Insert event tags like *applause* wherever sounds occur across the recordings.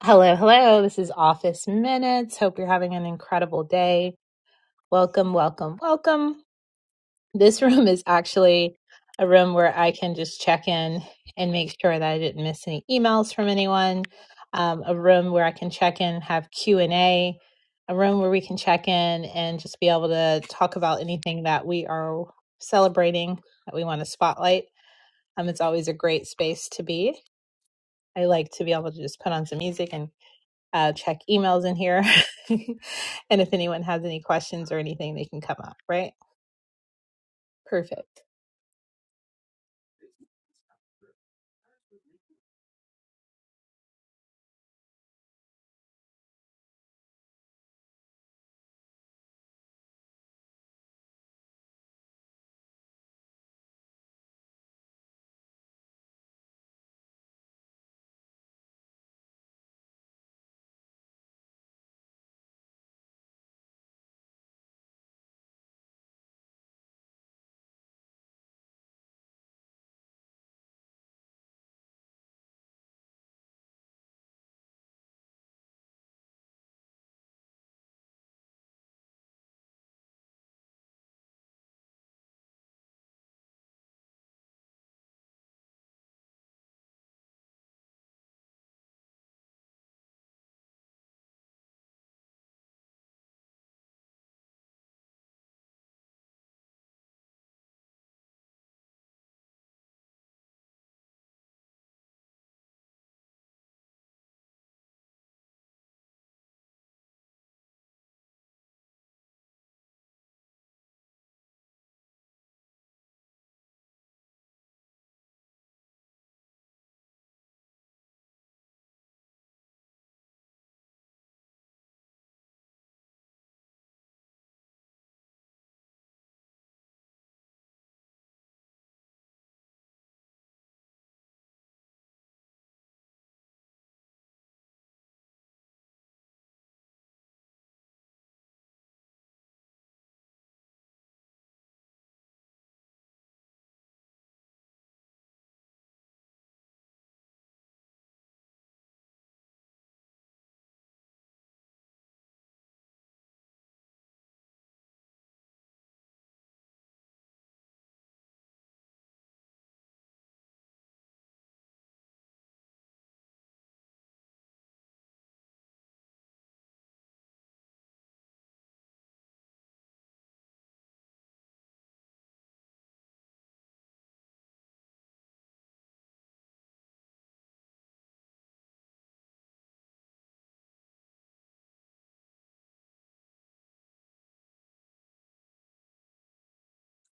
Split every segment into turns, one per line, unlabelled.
Hello, hello. This is Office Minutes. Hope you're having an incredible day. Welcome, welcome, welcome. This *laughs* room is actually a room where I can just check in and make sure that I didn't miss any emails from anyone. Um, a room where I can check in, have Q and A. A room where we can check in and just be able to talk about anything that we are celebrating that we want to spotlight. Um, it's always a great space to be. I like to be able to just put on some music and uh, check emails in here. *laughs* and if anyone has any questions or anything, they can come up, right? Perfect.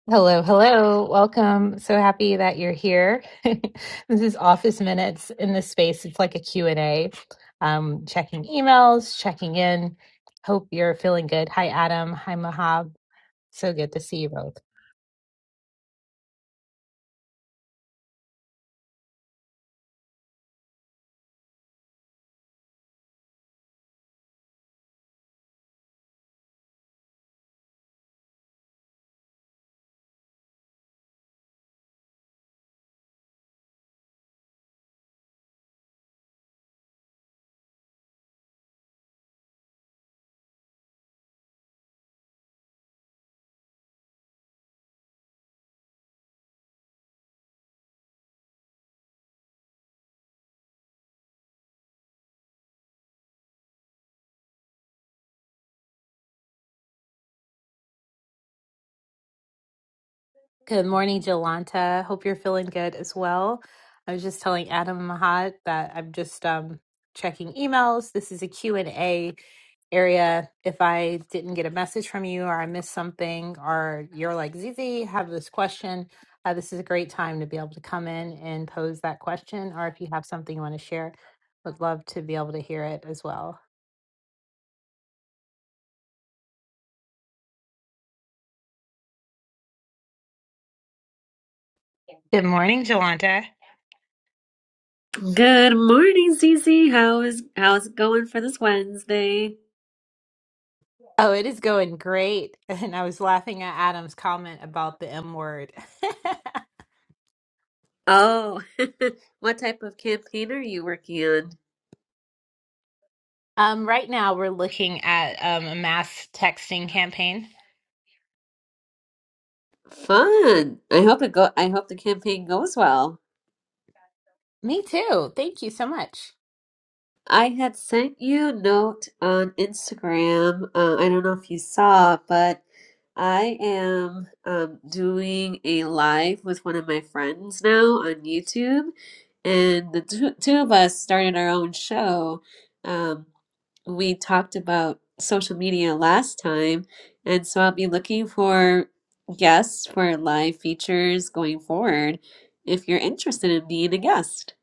Hello, hello. Welcome. So happy that you're here. *laughs* this is office minutes in this space. It's like a Q and a Um, checking emails, checking in. Hope you're feeling good. Hi, Adam. Hi, Mahab. So good to see you both. Good morning, Jolanta. Hope you're feeling good as well. I was just telling Adam and Mahat that I'm just um, checking emails. This is a Q and a area. If I didn't get a message from you or I missed something or you're like, Zizi, have this question, uh, this is a great time to be able to come in and pose that question. Or if you have something you want to share, would love to be able to hear it as well. Good morning, Jolanta.
Good morning, Cece. How is how's it going for this Wednesday?
Oh, it is going great. *laughs* And I was laughing at Adam's comment about the M word. *laughs*
Oh, *laughs* what type of campaign are you working on?
Um, right now we're looking at um, a mass texting campaign.
Fun. I hope it go I hope the campaign goes well.
Me too. Thank you so much.
I had sent you a note on Instagram. Uh, I don't know if you saw, but I am um, doing a live with one of my friends now on YouTube, and the two, two of us started our own show. Um, we talked about social media last time, and so I'll be looking for guests for live features going forward if you're interested in being a guest.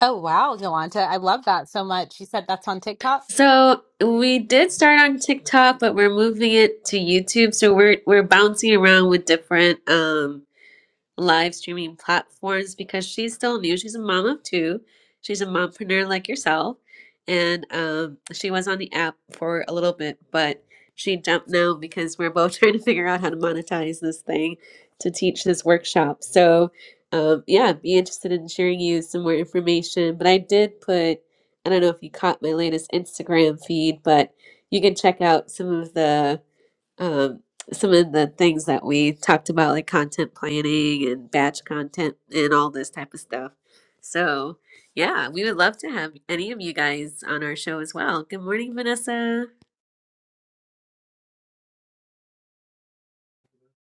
Oh, wow, Yolanta. I love that so much. You said that's on TikTok?
So we did start on TikTok, but we're moving it to YouTube. So we're we're bouncing around with different um live streaming platforms because she's still new. She's a mom of two. She's a mompreneur like yourself. And um, she was on the app for a little bit, but she jumped now because we're both *laughs* trying to figure out how to monetize this thing to teach this workshop. So, um, yeah, be interested in sharing you some more information. But I did put, I don't know if you caught my latest Instagram feed, but you can check out some of the um, some of the things that we talked about, like content planning and batch content and all this type of stuff. So, yeah, we would love to have any of you guys on our show as well. Good morning, Vanessa.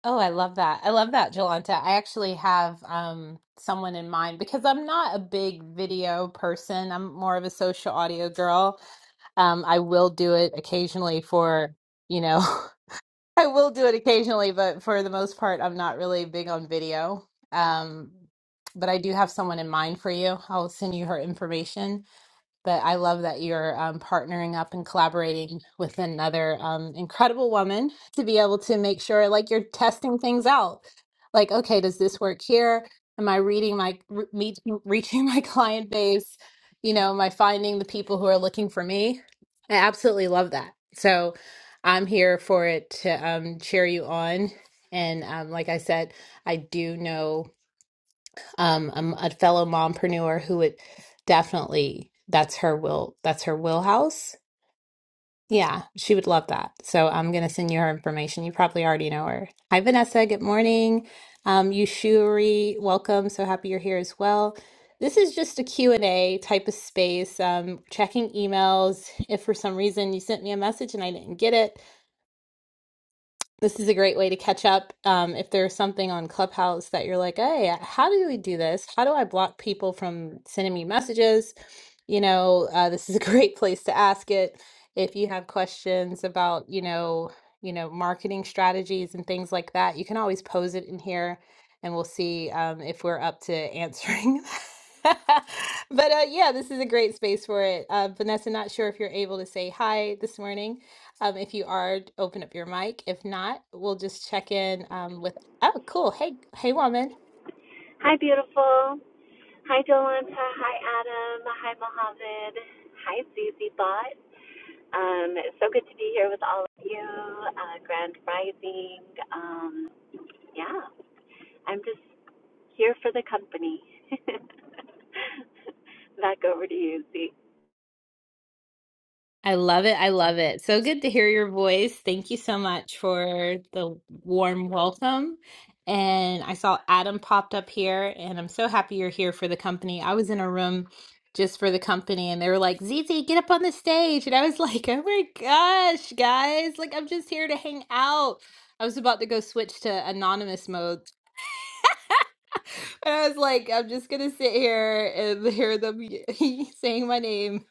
Oh, I love that. I love that, Jolanta. I actually have um, someone in mind because I'm not a big video person. I'm more of a social audio girl. Um, I will do it occasionally for, you know, *laughs* I will do it occasionally, but for the most part, I'm not really big on video. Um, but I do have someone in mind for you. I'll send you her information. But I love that you're um, partnering up and collaborating with another um, incredible woman to be able to make sure, like, you're testing things out. Like, okay, does this work here? Am I reading my re- meet, reaching *laughs* my client base? You know, am I finding the people who are looking for me? I absolutely love that. So I'm here for it to um, cheer you on. And um, like I said, I do know. Um, I'm a fellow mompreneur who would definitely that's her will that's her wheelhouse. Yeah, she would love that. So I'm gonna send you her information. You probably already know her. Hi Vanessa, good morning. Um, Yushuri, welcome. So happy you're here as well. This is just a Q and a type of space. Um, checking emails. If for some reason you sent me a message and I didn't get it, this is a great way to catch up. Um, if there's something on Clubhouse that you're like, hey, how do we do this? How do I block people from sending me messages? You know, uh, this is a *laughs* great place to ask it. If you have questions about, you know, you know, marketing strategies and things like that, you can always pose it in here, and we'll see um, if we're up to answering. *laughs* but uh, yeah, this is a great space for it. Uh, Vanessa, not sure if you're able to say hi this morning. Um, if you are, open up your mic. If not, we'll just check in um, with. Oh, cool. Hey, hey, woman.
Hi, beautiful. Hi, Jolanta. Hi, Adam. Hi, Mohammed. Hi, Susie Bot. Um, it's so good to be here with all of you. Uh, Grand Rising. Um, yeah, I'm just here for the company. *laughs* Back over to you, Z.
I love it. I love it. So good to hear your voice. Thank you so much for the warm welcome. And I saw Adam popped up here, and I'm so happy you're here for the company. I was in a room just for the company, and they were like, "Zizi, get up on the stage," and I was *laughs* like, "Oh my gosh, guys! Like, I'm just here to hang out." I was about to go switch to anonymous mode And I was like, I'm just gonna sit here and hear them y- *laughs* saying my name.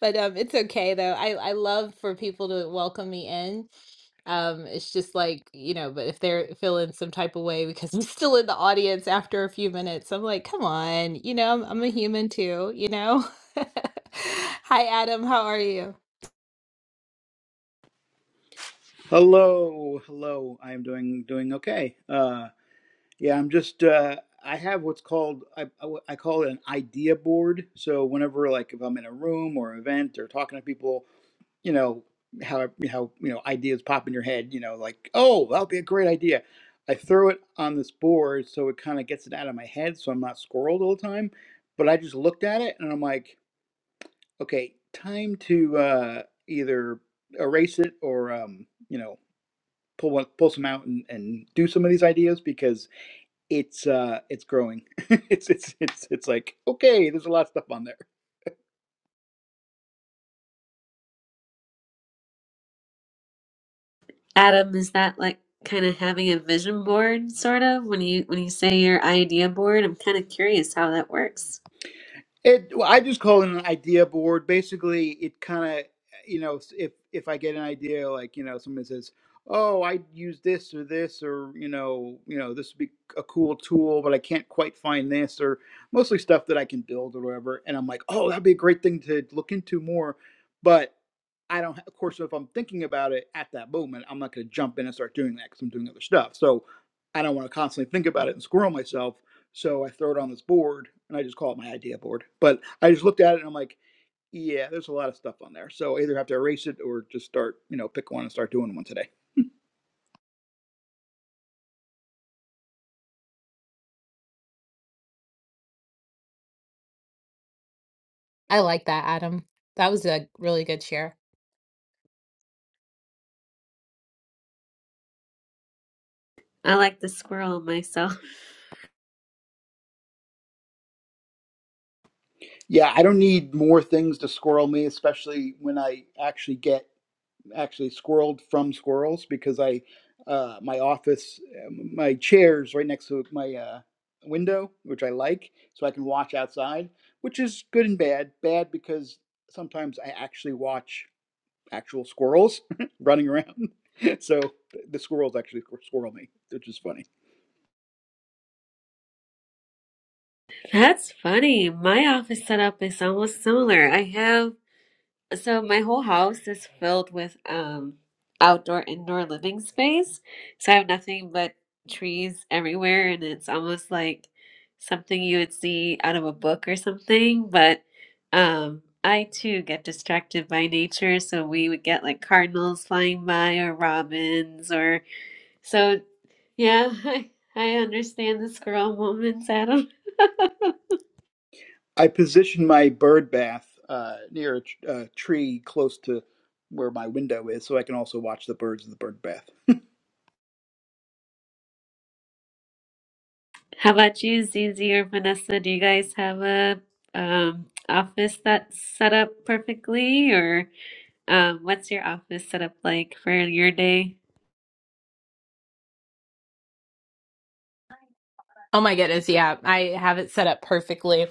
But um, it's okay though. I I love for people to welcome me in. Um, it's just like you know, but if they're feeling some type of way because I'm *laughs* still in the audience after a few minutes, I'm like, come on, you know, I'm, I'm a human too, you know. *laughs* Hi, Adam. How are you?
Hello, hello. I am doing doing okay. Uh, yeah, I'm just uh, I have what's called I, I I call it an idea board. So whenever like if I'm in a room or event or talking to people, you know how how you know ideas pop in your head. You know like oh that'll be a great idea. I throw it on this board so it kind of gets it out of my head, so I'm not squirreled all the time. But I just looked at it and I'm like, okay, time to uh, either erase it or um, you know pull one, pull some out and, and do some of these ideas because it's uh it's growing. *laughs* it's it's it's it's like okay, there's a lot of stuff on there.
Adam, is that like kind of having a vision board, sort of? When you when you say your idea board, I'm kind of curious how that works.
It well, I just call it an idea board. Basically, it kind of you know if if I get an idea like you know somebody says, "Oh, I use this or this or you know you know this would be a cool tool, but I can't quite find this or mostly stuff that I can build or whatever," and I'm like, "Oh, that'd be a great thing to look into more," but I don't. Of course, if I'm thinking about it at that moment, I'm not going to jump in and start doing that because I'm doing other stuff. So I don't want to constantly think about it and squirrel myself. So I throw it on this board and I just call it my idea board. But I just looked at it and I'm like, yeah, there's a lot of stuff on there. So I either have to erase it or just start, you know, pick one and start doing one today.
I like that, Adam. That was a really good share.
I like the squirrel myself.
Yeah, I don't need more things to squirrel me, especially when I actually get actually squirreled from squirrels because I, uh, my office, um, my chair's right next to my uh, window, which I like, so I can watch outside, which is good and bad. Bad because sometimes I actually watch actual squirrels *laughs* running around. *laughs* So the squirrels actually squirrel me, which is funny.
*laughs* That's funny. My office setup is almost similar. I have So my whole house is filled with um outdoor indoor living space. So I have nothing but trees everywhere and it's almost like something you would see out of a book or something, but um I too get distracted by nature, so we would get like cardinals flying by or robins or so yeah, *laughs* I I understand the squirrel moments, Adam. *laughs*
I positioned my bird bath uh, near a tr- uh, tree close to where my window is, so I can also watch the birds in the bird bath.
How about you, Zizi or Vanessa? Do you guys have a um, office that's set up perfectly, or um, what's your office set up like for your day?
Oh my goodness, yeah. I have it set up perfectly.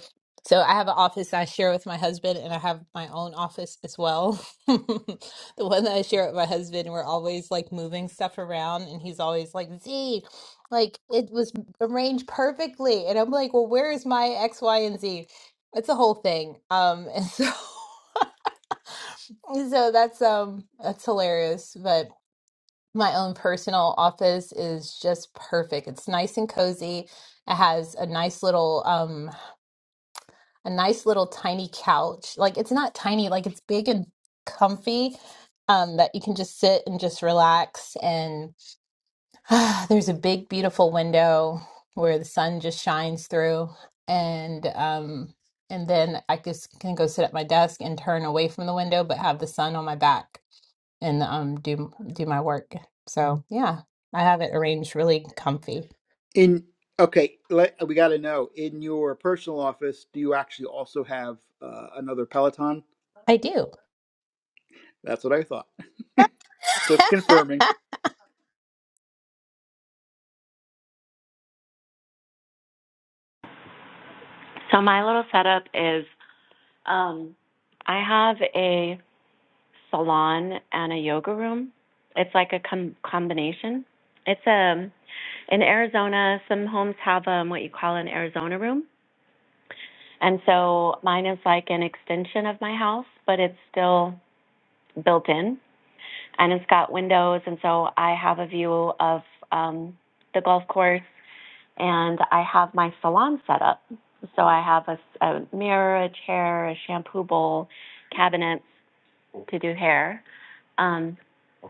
So I have an office I share with my husband and I have my own office as well. *laughs* The one that I share with my husband, we're always like moving stuff around and he's always like, Z, like it was arranged perfectly. And I'm like, well, where is my X, Y, and Z? It's a whole thing. Um, and so *laughs* so that's um that's hilarious. But my own personal office is just perfect. It's nice and cozy. It has a nice little um. a nice little tiny couch. Like it's not tiny, like it's big and comfy. Um, that you can just sit and just relax. And *sighs* there's a big, beautiful window where the sun just shines through. And um, and then I just can go sit at my desk and turn away from the window, but have the sun on my back and um do do my work. So yeah, I have it arranged really comfy.
In okay, let, we got to know in your personal office, do you actually also have uh, another Peloton?
I do.
That's what I thought. Just confirming.
So my little setup is um, I have a salon and a yoga room. It's like a com- combination. It's a In Arizona, some homes have um, what you call an Arizona room. And so mine is like an extension of my house, but it's still built in and it's got windows. And so I have a view of um, the golf course and I have my salon set up. So I have a, s- a mirror, a chair, a shampoo bowl, cabinets to do hair. Um,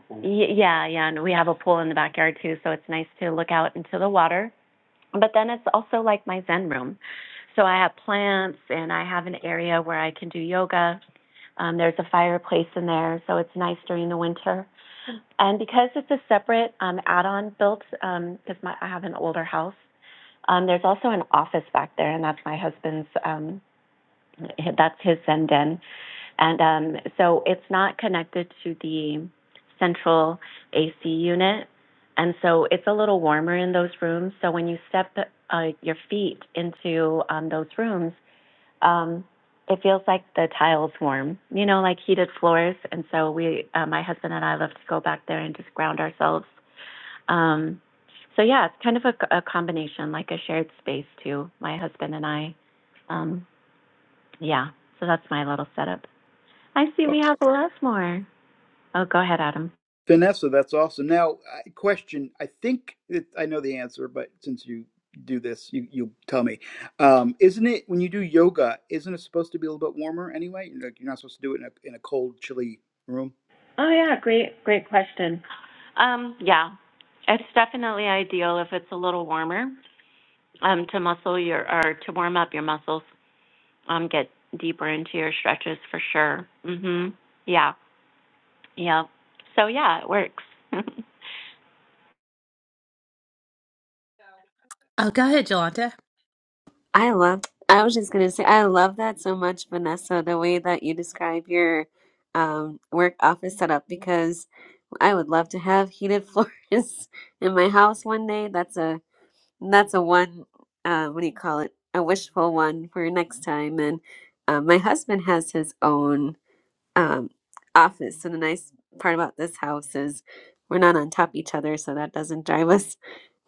y- yeah, yeah. And we have a pool in the backyard too. So it's nice to look out into the water But then it's also like my Zen room. So I have plants and I have an area where I can do yoga. Um, there's a fireplace in there, so it's nice during the winter. And because it's a separate um, add-on built, because my I have an older house, um, there's also an office back there, and that's my husband's. Um, that's his Zen den. And um, so it's not connected to the central AC unit. And so it's a little warmer in those rooms. So when you step uh, your feet into um, those rooms, um, it feels like the tiles warm, you know, like heated floors. And so we, uh, my husband and I love to go back there and just ground ourselves. Um, so yeah, it's kind of a, a combination, like a shared space too, my husband and I. Um, yeah, so that's my little setup. I see we
Oh.
have Lesmore. Oh, go ahead, Adam.
Vanessa, that's awesome. Now, I- question. I think it, I know the answer, but since you do this, you you tell me. Um, isn't it when you do yoga? Isn't it supposed to be a little bit warmer anyway? Like you're not supposed to do it in a in a cold, chilly room.
Oh, yeah, great. Um, yeah, it's definitely ideal if it's a little warmer um, to muscle your or to warm up your muscles. Um, get deeper into your stretches for sure. Mhm. Yeah. Yeah. So yeah, it works. *laughs*
Oh, go ahead, Jolanta.
I love, I was just gonna say, I love that so much, Vanessa, the way that you describe your um, work office setup because I would love to have heated *laughs* floors in my house one day. That's a that's a one, uh, what do you call it? A wishful one for next time. And uh, my husband has his own. um, office. And the nice part about this house is we're not on top of each other, so that doesn't drive us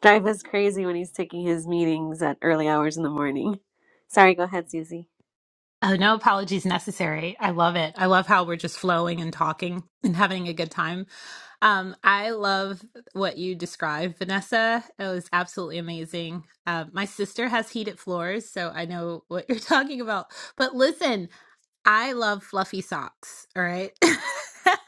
drive us crazy when he's taking his meetings at early hours in the morning. Sorry, go ahead, Susie.
Oh, no apologies necessary. I love it. I love how we're just flowing and talking and having a good time. Um, I love what you described, Vanessa. It was absolutely amazing. Uh, my sister has heated floors, so I know what you're *laughs* talking about. But listen, I love fluffy socks, all right? *laughs*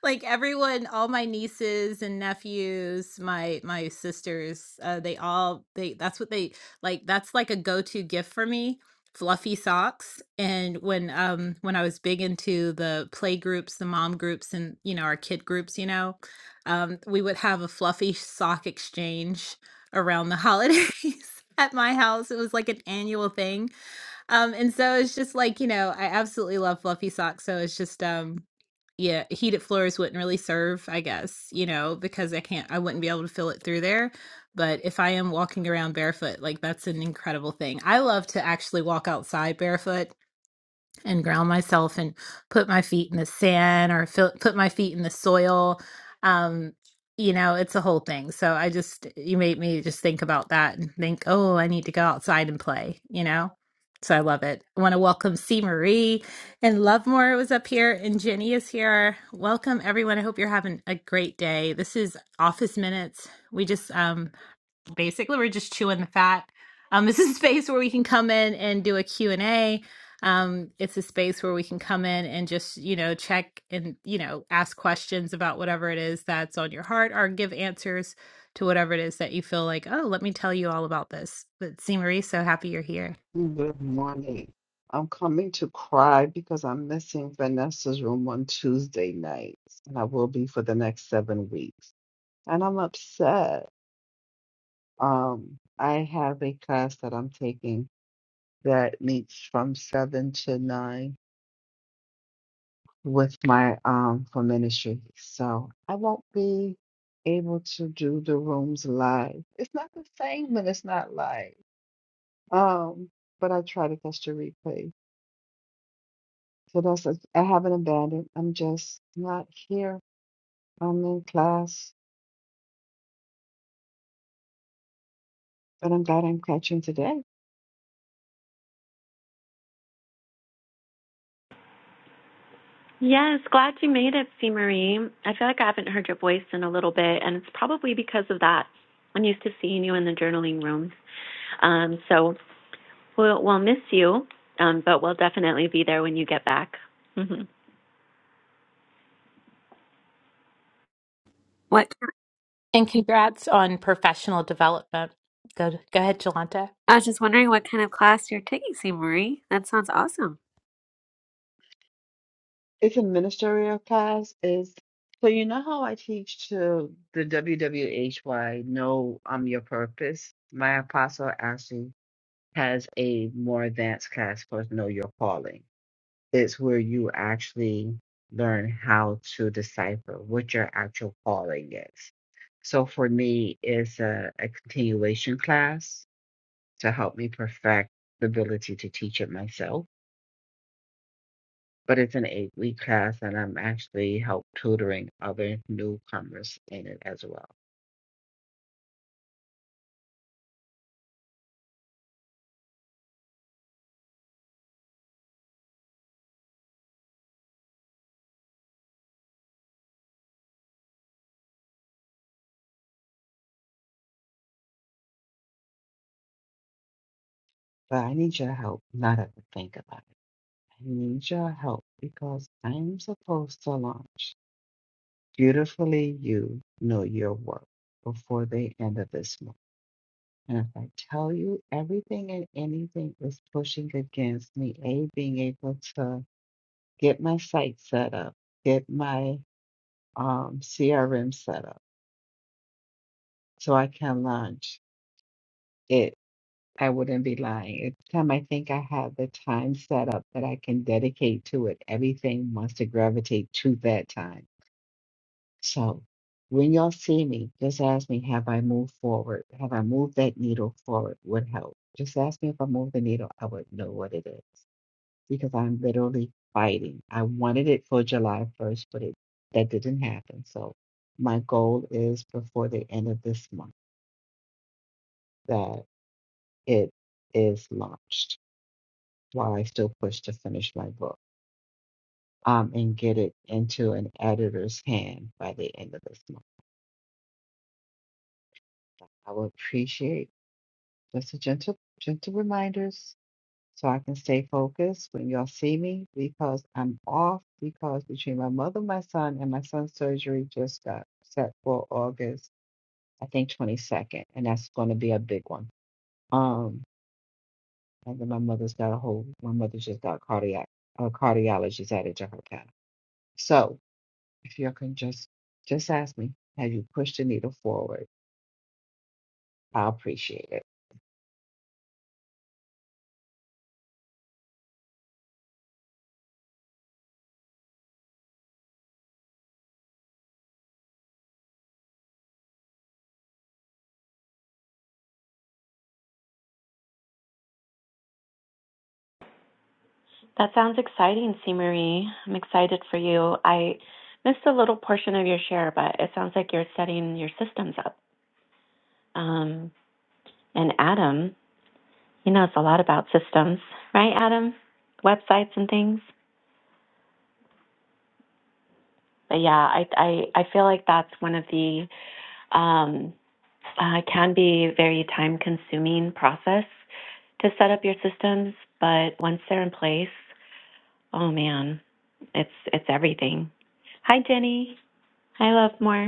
Like everyone, all my nieces and nephews, my my sisters, uh, they all they that's what they like that's like a go-to gift for me, fluffy socks. And when um when I was big into the play groups, the mom groups and you know, our kid groups, you know, um we would have a fluffy sock exchange around the holidays *laughs* at my house. It was like an annual thing um, and so it's just like, you know, I absolutely love fluffy socks. So it's just, um, yeah, heated floors wouldn't really serve, I guess, you know, because I can't, I wouldn't be able to feel it through there. But if I am walking around barefoot, like that's an incredible thing. I love to actually walk outside barefoot and ground myself and put my feet in the sand or feel, put my feet in the soil. Um, you know, it's a whole thing. So I just, you made me just think about that and think, oh, I need to go outside and play, you know? So I love it. I want to welcome C. Marie and Lovemore was up here and Jenny is here. Welcome everyone. I hope you're having a great day. This is Office Minutes. We just um, basically we're just chewing the fat um, *laughs* this is a space where we can come in and do a Q and a um, it's a space where we can come in and just you know check and you know ask questions about whatever it is that's on your heart or give answers to whatever it is that you feel like oh let me tell you all about this but see marie so happy you're here
Good morning. I'm coming to cry because I'm missing Vanessa's room on Tuesday nights, and I will be for the next seven weeks. And I'm upset. Um, I have a class that I'm taking that meets from seven to nine with my um for ministry. So I won't be able to do the rooms live. It's not the same when it's not live. Um, but I try to catch the replays. So that's it. I haven't abandoned. I'm just not here. I'm in class, but I'm glad I'm catching today.
Yes, glad you made it, C. Marie. I feel like I haven't heard your voice in a little bit, and it's probably because of that. I'm used to seeing you in the journaling room. Um, so we'll, we'll miss you, um, but we'll definitely be there when you get back. *laughs*
What
And congrats on professional development. Go, go ahead, Jolanta.
I was just wondering what kind of class you're taking, St. Marie. That sounds awesome.
It's a ministerial class. Is so you know how I teach to the WWHY, know um your purpose. My apostle actually has a more advanced class called Know Your Calling. It's where you actually learn how to decipher what your actual calling is. So for me, it's a, a continuation class to help me perfect the ability to teach it myself. But it's an eight week class, and I'm actually help tutoring other newcomers in it as well. But I need your help not to think about it. I need your help because I'm supposed to launch Beautifully You Know Your Work before the end of this month. And if I tell you everything and anything is pushing against me, A, being able to get my site set up, get my um, CRM setup so I can launch it. I wouldn't be lying. Every time I think I have the time set up that I can dedicate to it, everything wants to gravitate to that time. So when y'all see me, just ask me, have I moved forward? Have I moved that needle forward? Would help. Just ask me if I moved the needle, I would know what it is because I'm literally fighting. I wanted it for July 1st, but it that didn't happen. So my goal is before the end of this month. that it is launched while I still push to finish my book um, and get it into an editor's hand by the end of this month. I will appreciate just a gentle, gentle reminders so I can stay focused when y'all see me because I'm off because between my mother, my son, and my son's surgery just got set for August, I think 22nd, and that's going to be a big one. Um, And then my mother's got a whole, my mother just got cardiac, a cardiologist added to her panel. So if you can just, just ask me, have you pushed the needle forward? I appreciate it.
That sounds exciting, C. Marie. I'm excited for you. I missed a little portion of your share, but it sounds like you're setting your systems up. Um, and Adam, he knows a lot about systems, right, Adam? Websites and things. But yeah, I I, I feel like that's one of the um, uh, can be very time consuming process to set up your systems, but once they're in place, oh man, it's it's everything. Hi, Jenny. Hi, Love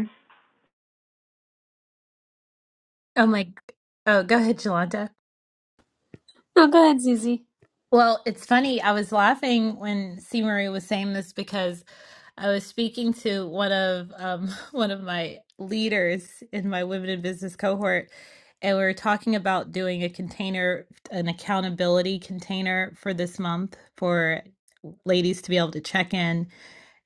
oh my oh go ahead jolanta
No, go ahead, Susie.
Well, it's funny. I was laughing when C. Marie was saying this because I was speaking to one of um, *laughs* one of my leaders in my women in business cohort, and we were talking about doing a container, an accountability container for this month for ladies to be able to check in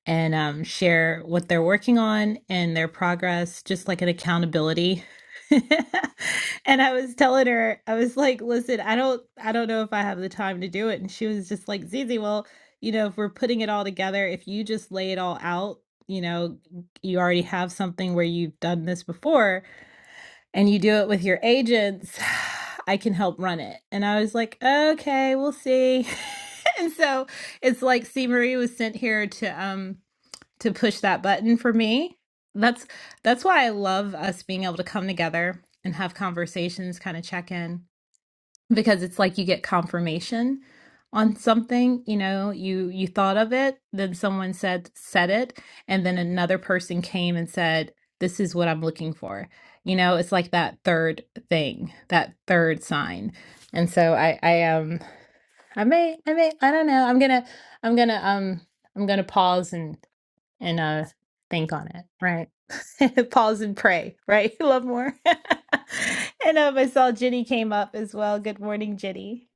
and um, share what they're working on and their progress, just like an accountability. *laughs* and I was telling her, I was like, "Listen, I don't, I don't know if I have the time to do it." And she was just like, "Zizi, well, you know, if we're putting it all together, if you just lay it all out, you know, you already have something where you've done this before, and you do it with your agents." *sighs* I can help run it. And I was like, okay, we'll see. *laughs* and so it's like C. Marie was sent here to um to push that button for me. That's that's why I love us being able to come together and have conversations, kind of check in because it's like you get confirmation on something, you know, you you thought of it, then someone said said it, and then another person came and said, "This is what I'm looking for." You know, it's like that third thing, that third sign. And so I I um I may I may I don't know. I'm going to I'm going to um I'm going to pause and and uh think on it right *laughs* pause and pray right *laughs* love more *laughs* and um i saw jenny came up as well good morning jenny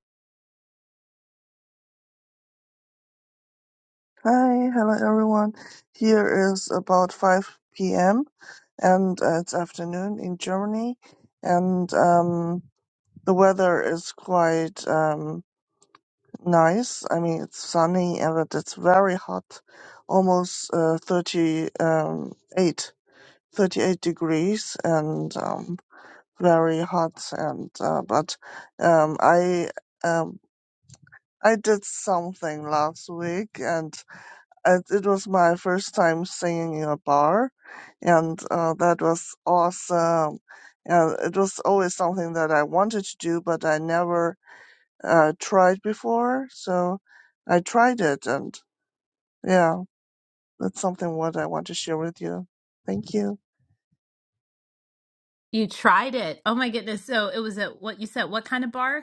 Hi, hello everyone. Here is about 5 p.m. and uh, it's afternoon in Germany, and um, the weather is quite um, nice. I mean, it's sunny and but it's very hot, almost uh, 38, 38 degrees, and um, very hot. And uh, but um, I um, I did something last week, and. it, it was my first time singing in a bar, and uh, that was awesome. And it was always something that I wanted to do, but I never uh, tried before. So I tried it, and yeah, that's something what I want to share with you. Thank you.
You tried it. Oh my goodness. So it was at what you said, what kind of bar?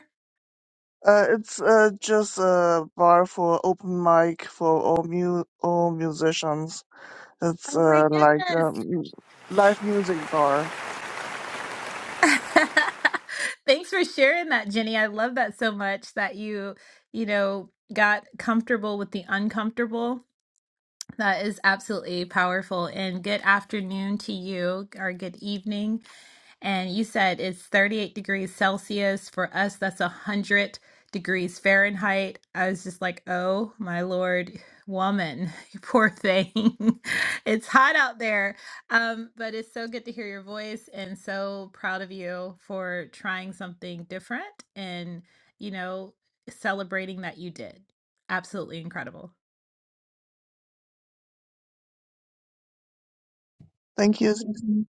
Uh, it's uh, just a bar for open mic for all mu- all musicians. It's
Oh my
uh, like
goodness.
a live music bar.
*laughs* Thanks for sharing that, Jenny. I love that so much that you, you know, got comfortable with the uncomfortable. That is absolutely powerful. And good afternoon to you, or good evening. And you said it's 38 degrees Celsius. For us, that's 100 degrees Fahrenheit. I was just like, oh my Lord, woman, *laughs* you poor thing. *laughs* it's hot out there. Um, but it's so good to hear your voice and so proud of you for trying something different and, you know, celebrating that you did. Absolutely incredible.
Thank you. Susan.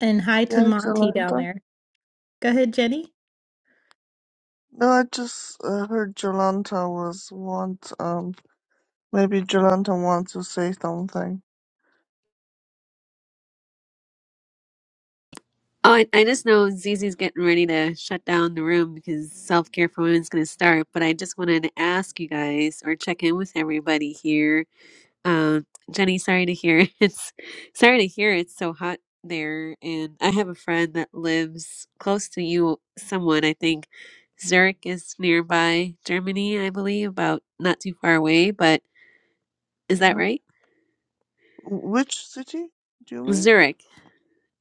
And hi to
Yeah, it's
Monty down
Yolanda.
there. Go ahead, Jenny.
No, I just uh, heard Jolanta was want um maybe Jolanta wants to say something.
Oh, I, I just know Zizi's getting ready to shut down the room because self care for women's going to start. But I just wanted to ask you guys or check in with everybody here Um, Jenny, sorry to hear *laughs* it's sorry to hear it's so hot there. And I have a friend that lives close to you, someone I think Zurich is nearby Germany, I believe, about not too far away, but is that
Yeah.
right?
Wh- Which city do you mean?
Zurich,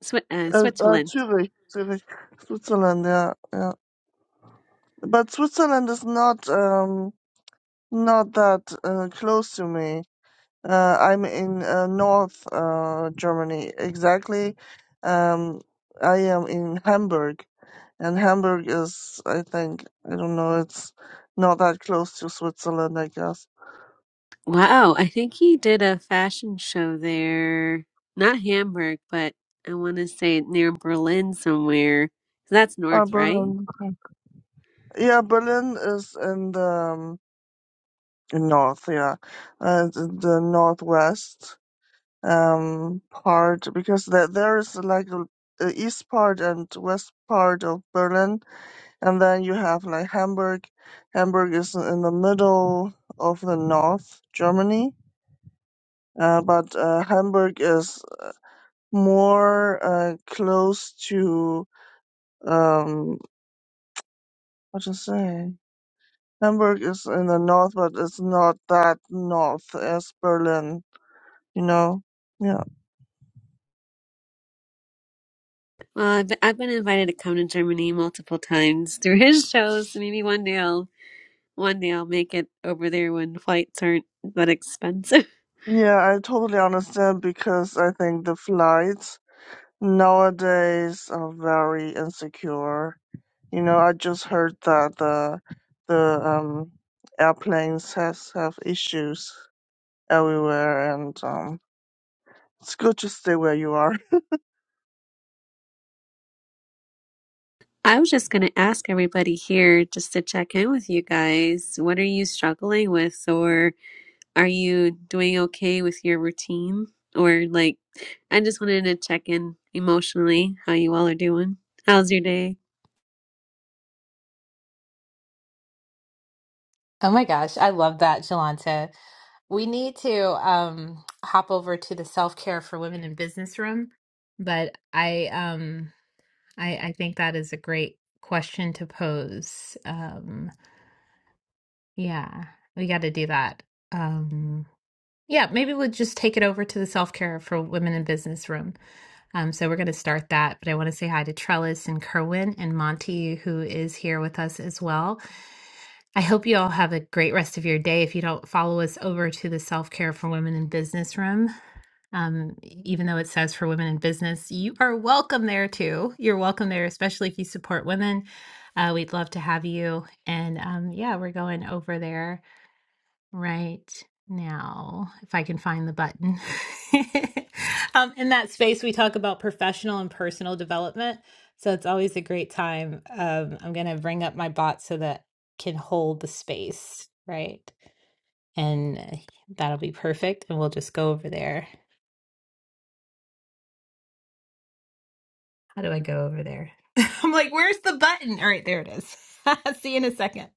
Swi uh,
Uh, uh
Switzerland.
Zurich, Zurich, Switzerland. Yeah, yeah. But Switzerland is not um not that uh, close to me. Uh, I'm in uh, North uh, Germany. Exactly, um, I am in Hamburg, and Hamburg is, I think, I don't know, it's not that close to Switzerland, I guess.
Wow, I think he did a fashion show there, not Hamburg, but I want to say near Berlin somewhere. That's
Uh,
north, right?
Berlin. Yeah, Berlin is in the um, north, yeah, uh, the the northwest um, part, because there there is like a, a east part and west part of Berlin, And then you have like Hamburg. Hamburg is in the middle of the North Germany, uh, but uh, Hamburg is more uh, close to um, what to say. Hamburg is in the north, but it's not that north as Berlin. You know? Yeah.
Well, I've been, I've been invited to come to Germany multiple times through his shows. Maybe one day I'll one day I'll make it over there when flights aren't that expensive.
Yeah, I totally understand because I think the flights nowadays are very insecure You know, I just heard that the the um airplanes has have issues everywhere, and um, it's good to stay where you are.
*laughs* I was just gonna ask everybody here just to check in with you guys. What are you struggling with, or are you doing okay with your routine? Or like, I just wanted to check in emotionally how you all are doing. How's your day?
Oh my gosh, I love that, Jolanta. We need to um hop over to the self-care for women in business room, but I um I I think that is a great question to pose. Um yeah, we got to do that. Um yeah, maybe we'll just take it over to the self-care for women in business room. Um so we're going to start that, but I want to say hi to Trellis and Kerwin and Monty who is here with us as well. I hope you all have a great rest of your day. If you don't follow us over to the Self Care for Women in Business Room, um, e- even though it says for women in business, you are welcome there too. You're welcome there, especially if you support women. Uh, we'd love to have you. And um, yeah, we're going over there right now, if I can find the button. *laughs* um, in that space, we talk about professional and personal development. So it's always a great time. Um, I'm going to bring up my bot so that can hold the space, right? And uh, that'll be perfect. And we'll just go over there How do I go over there? *laughs* I'm like, where's the button? All right, there it is. *laughs* See you in a second.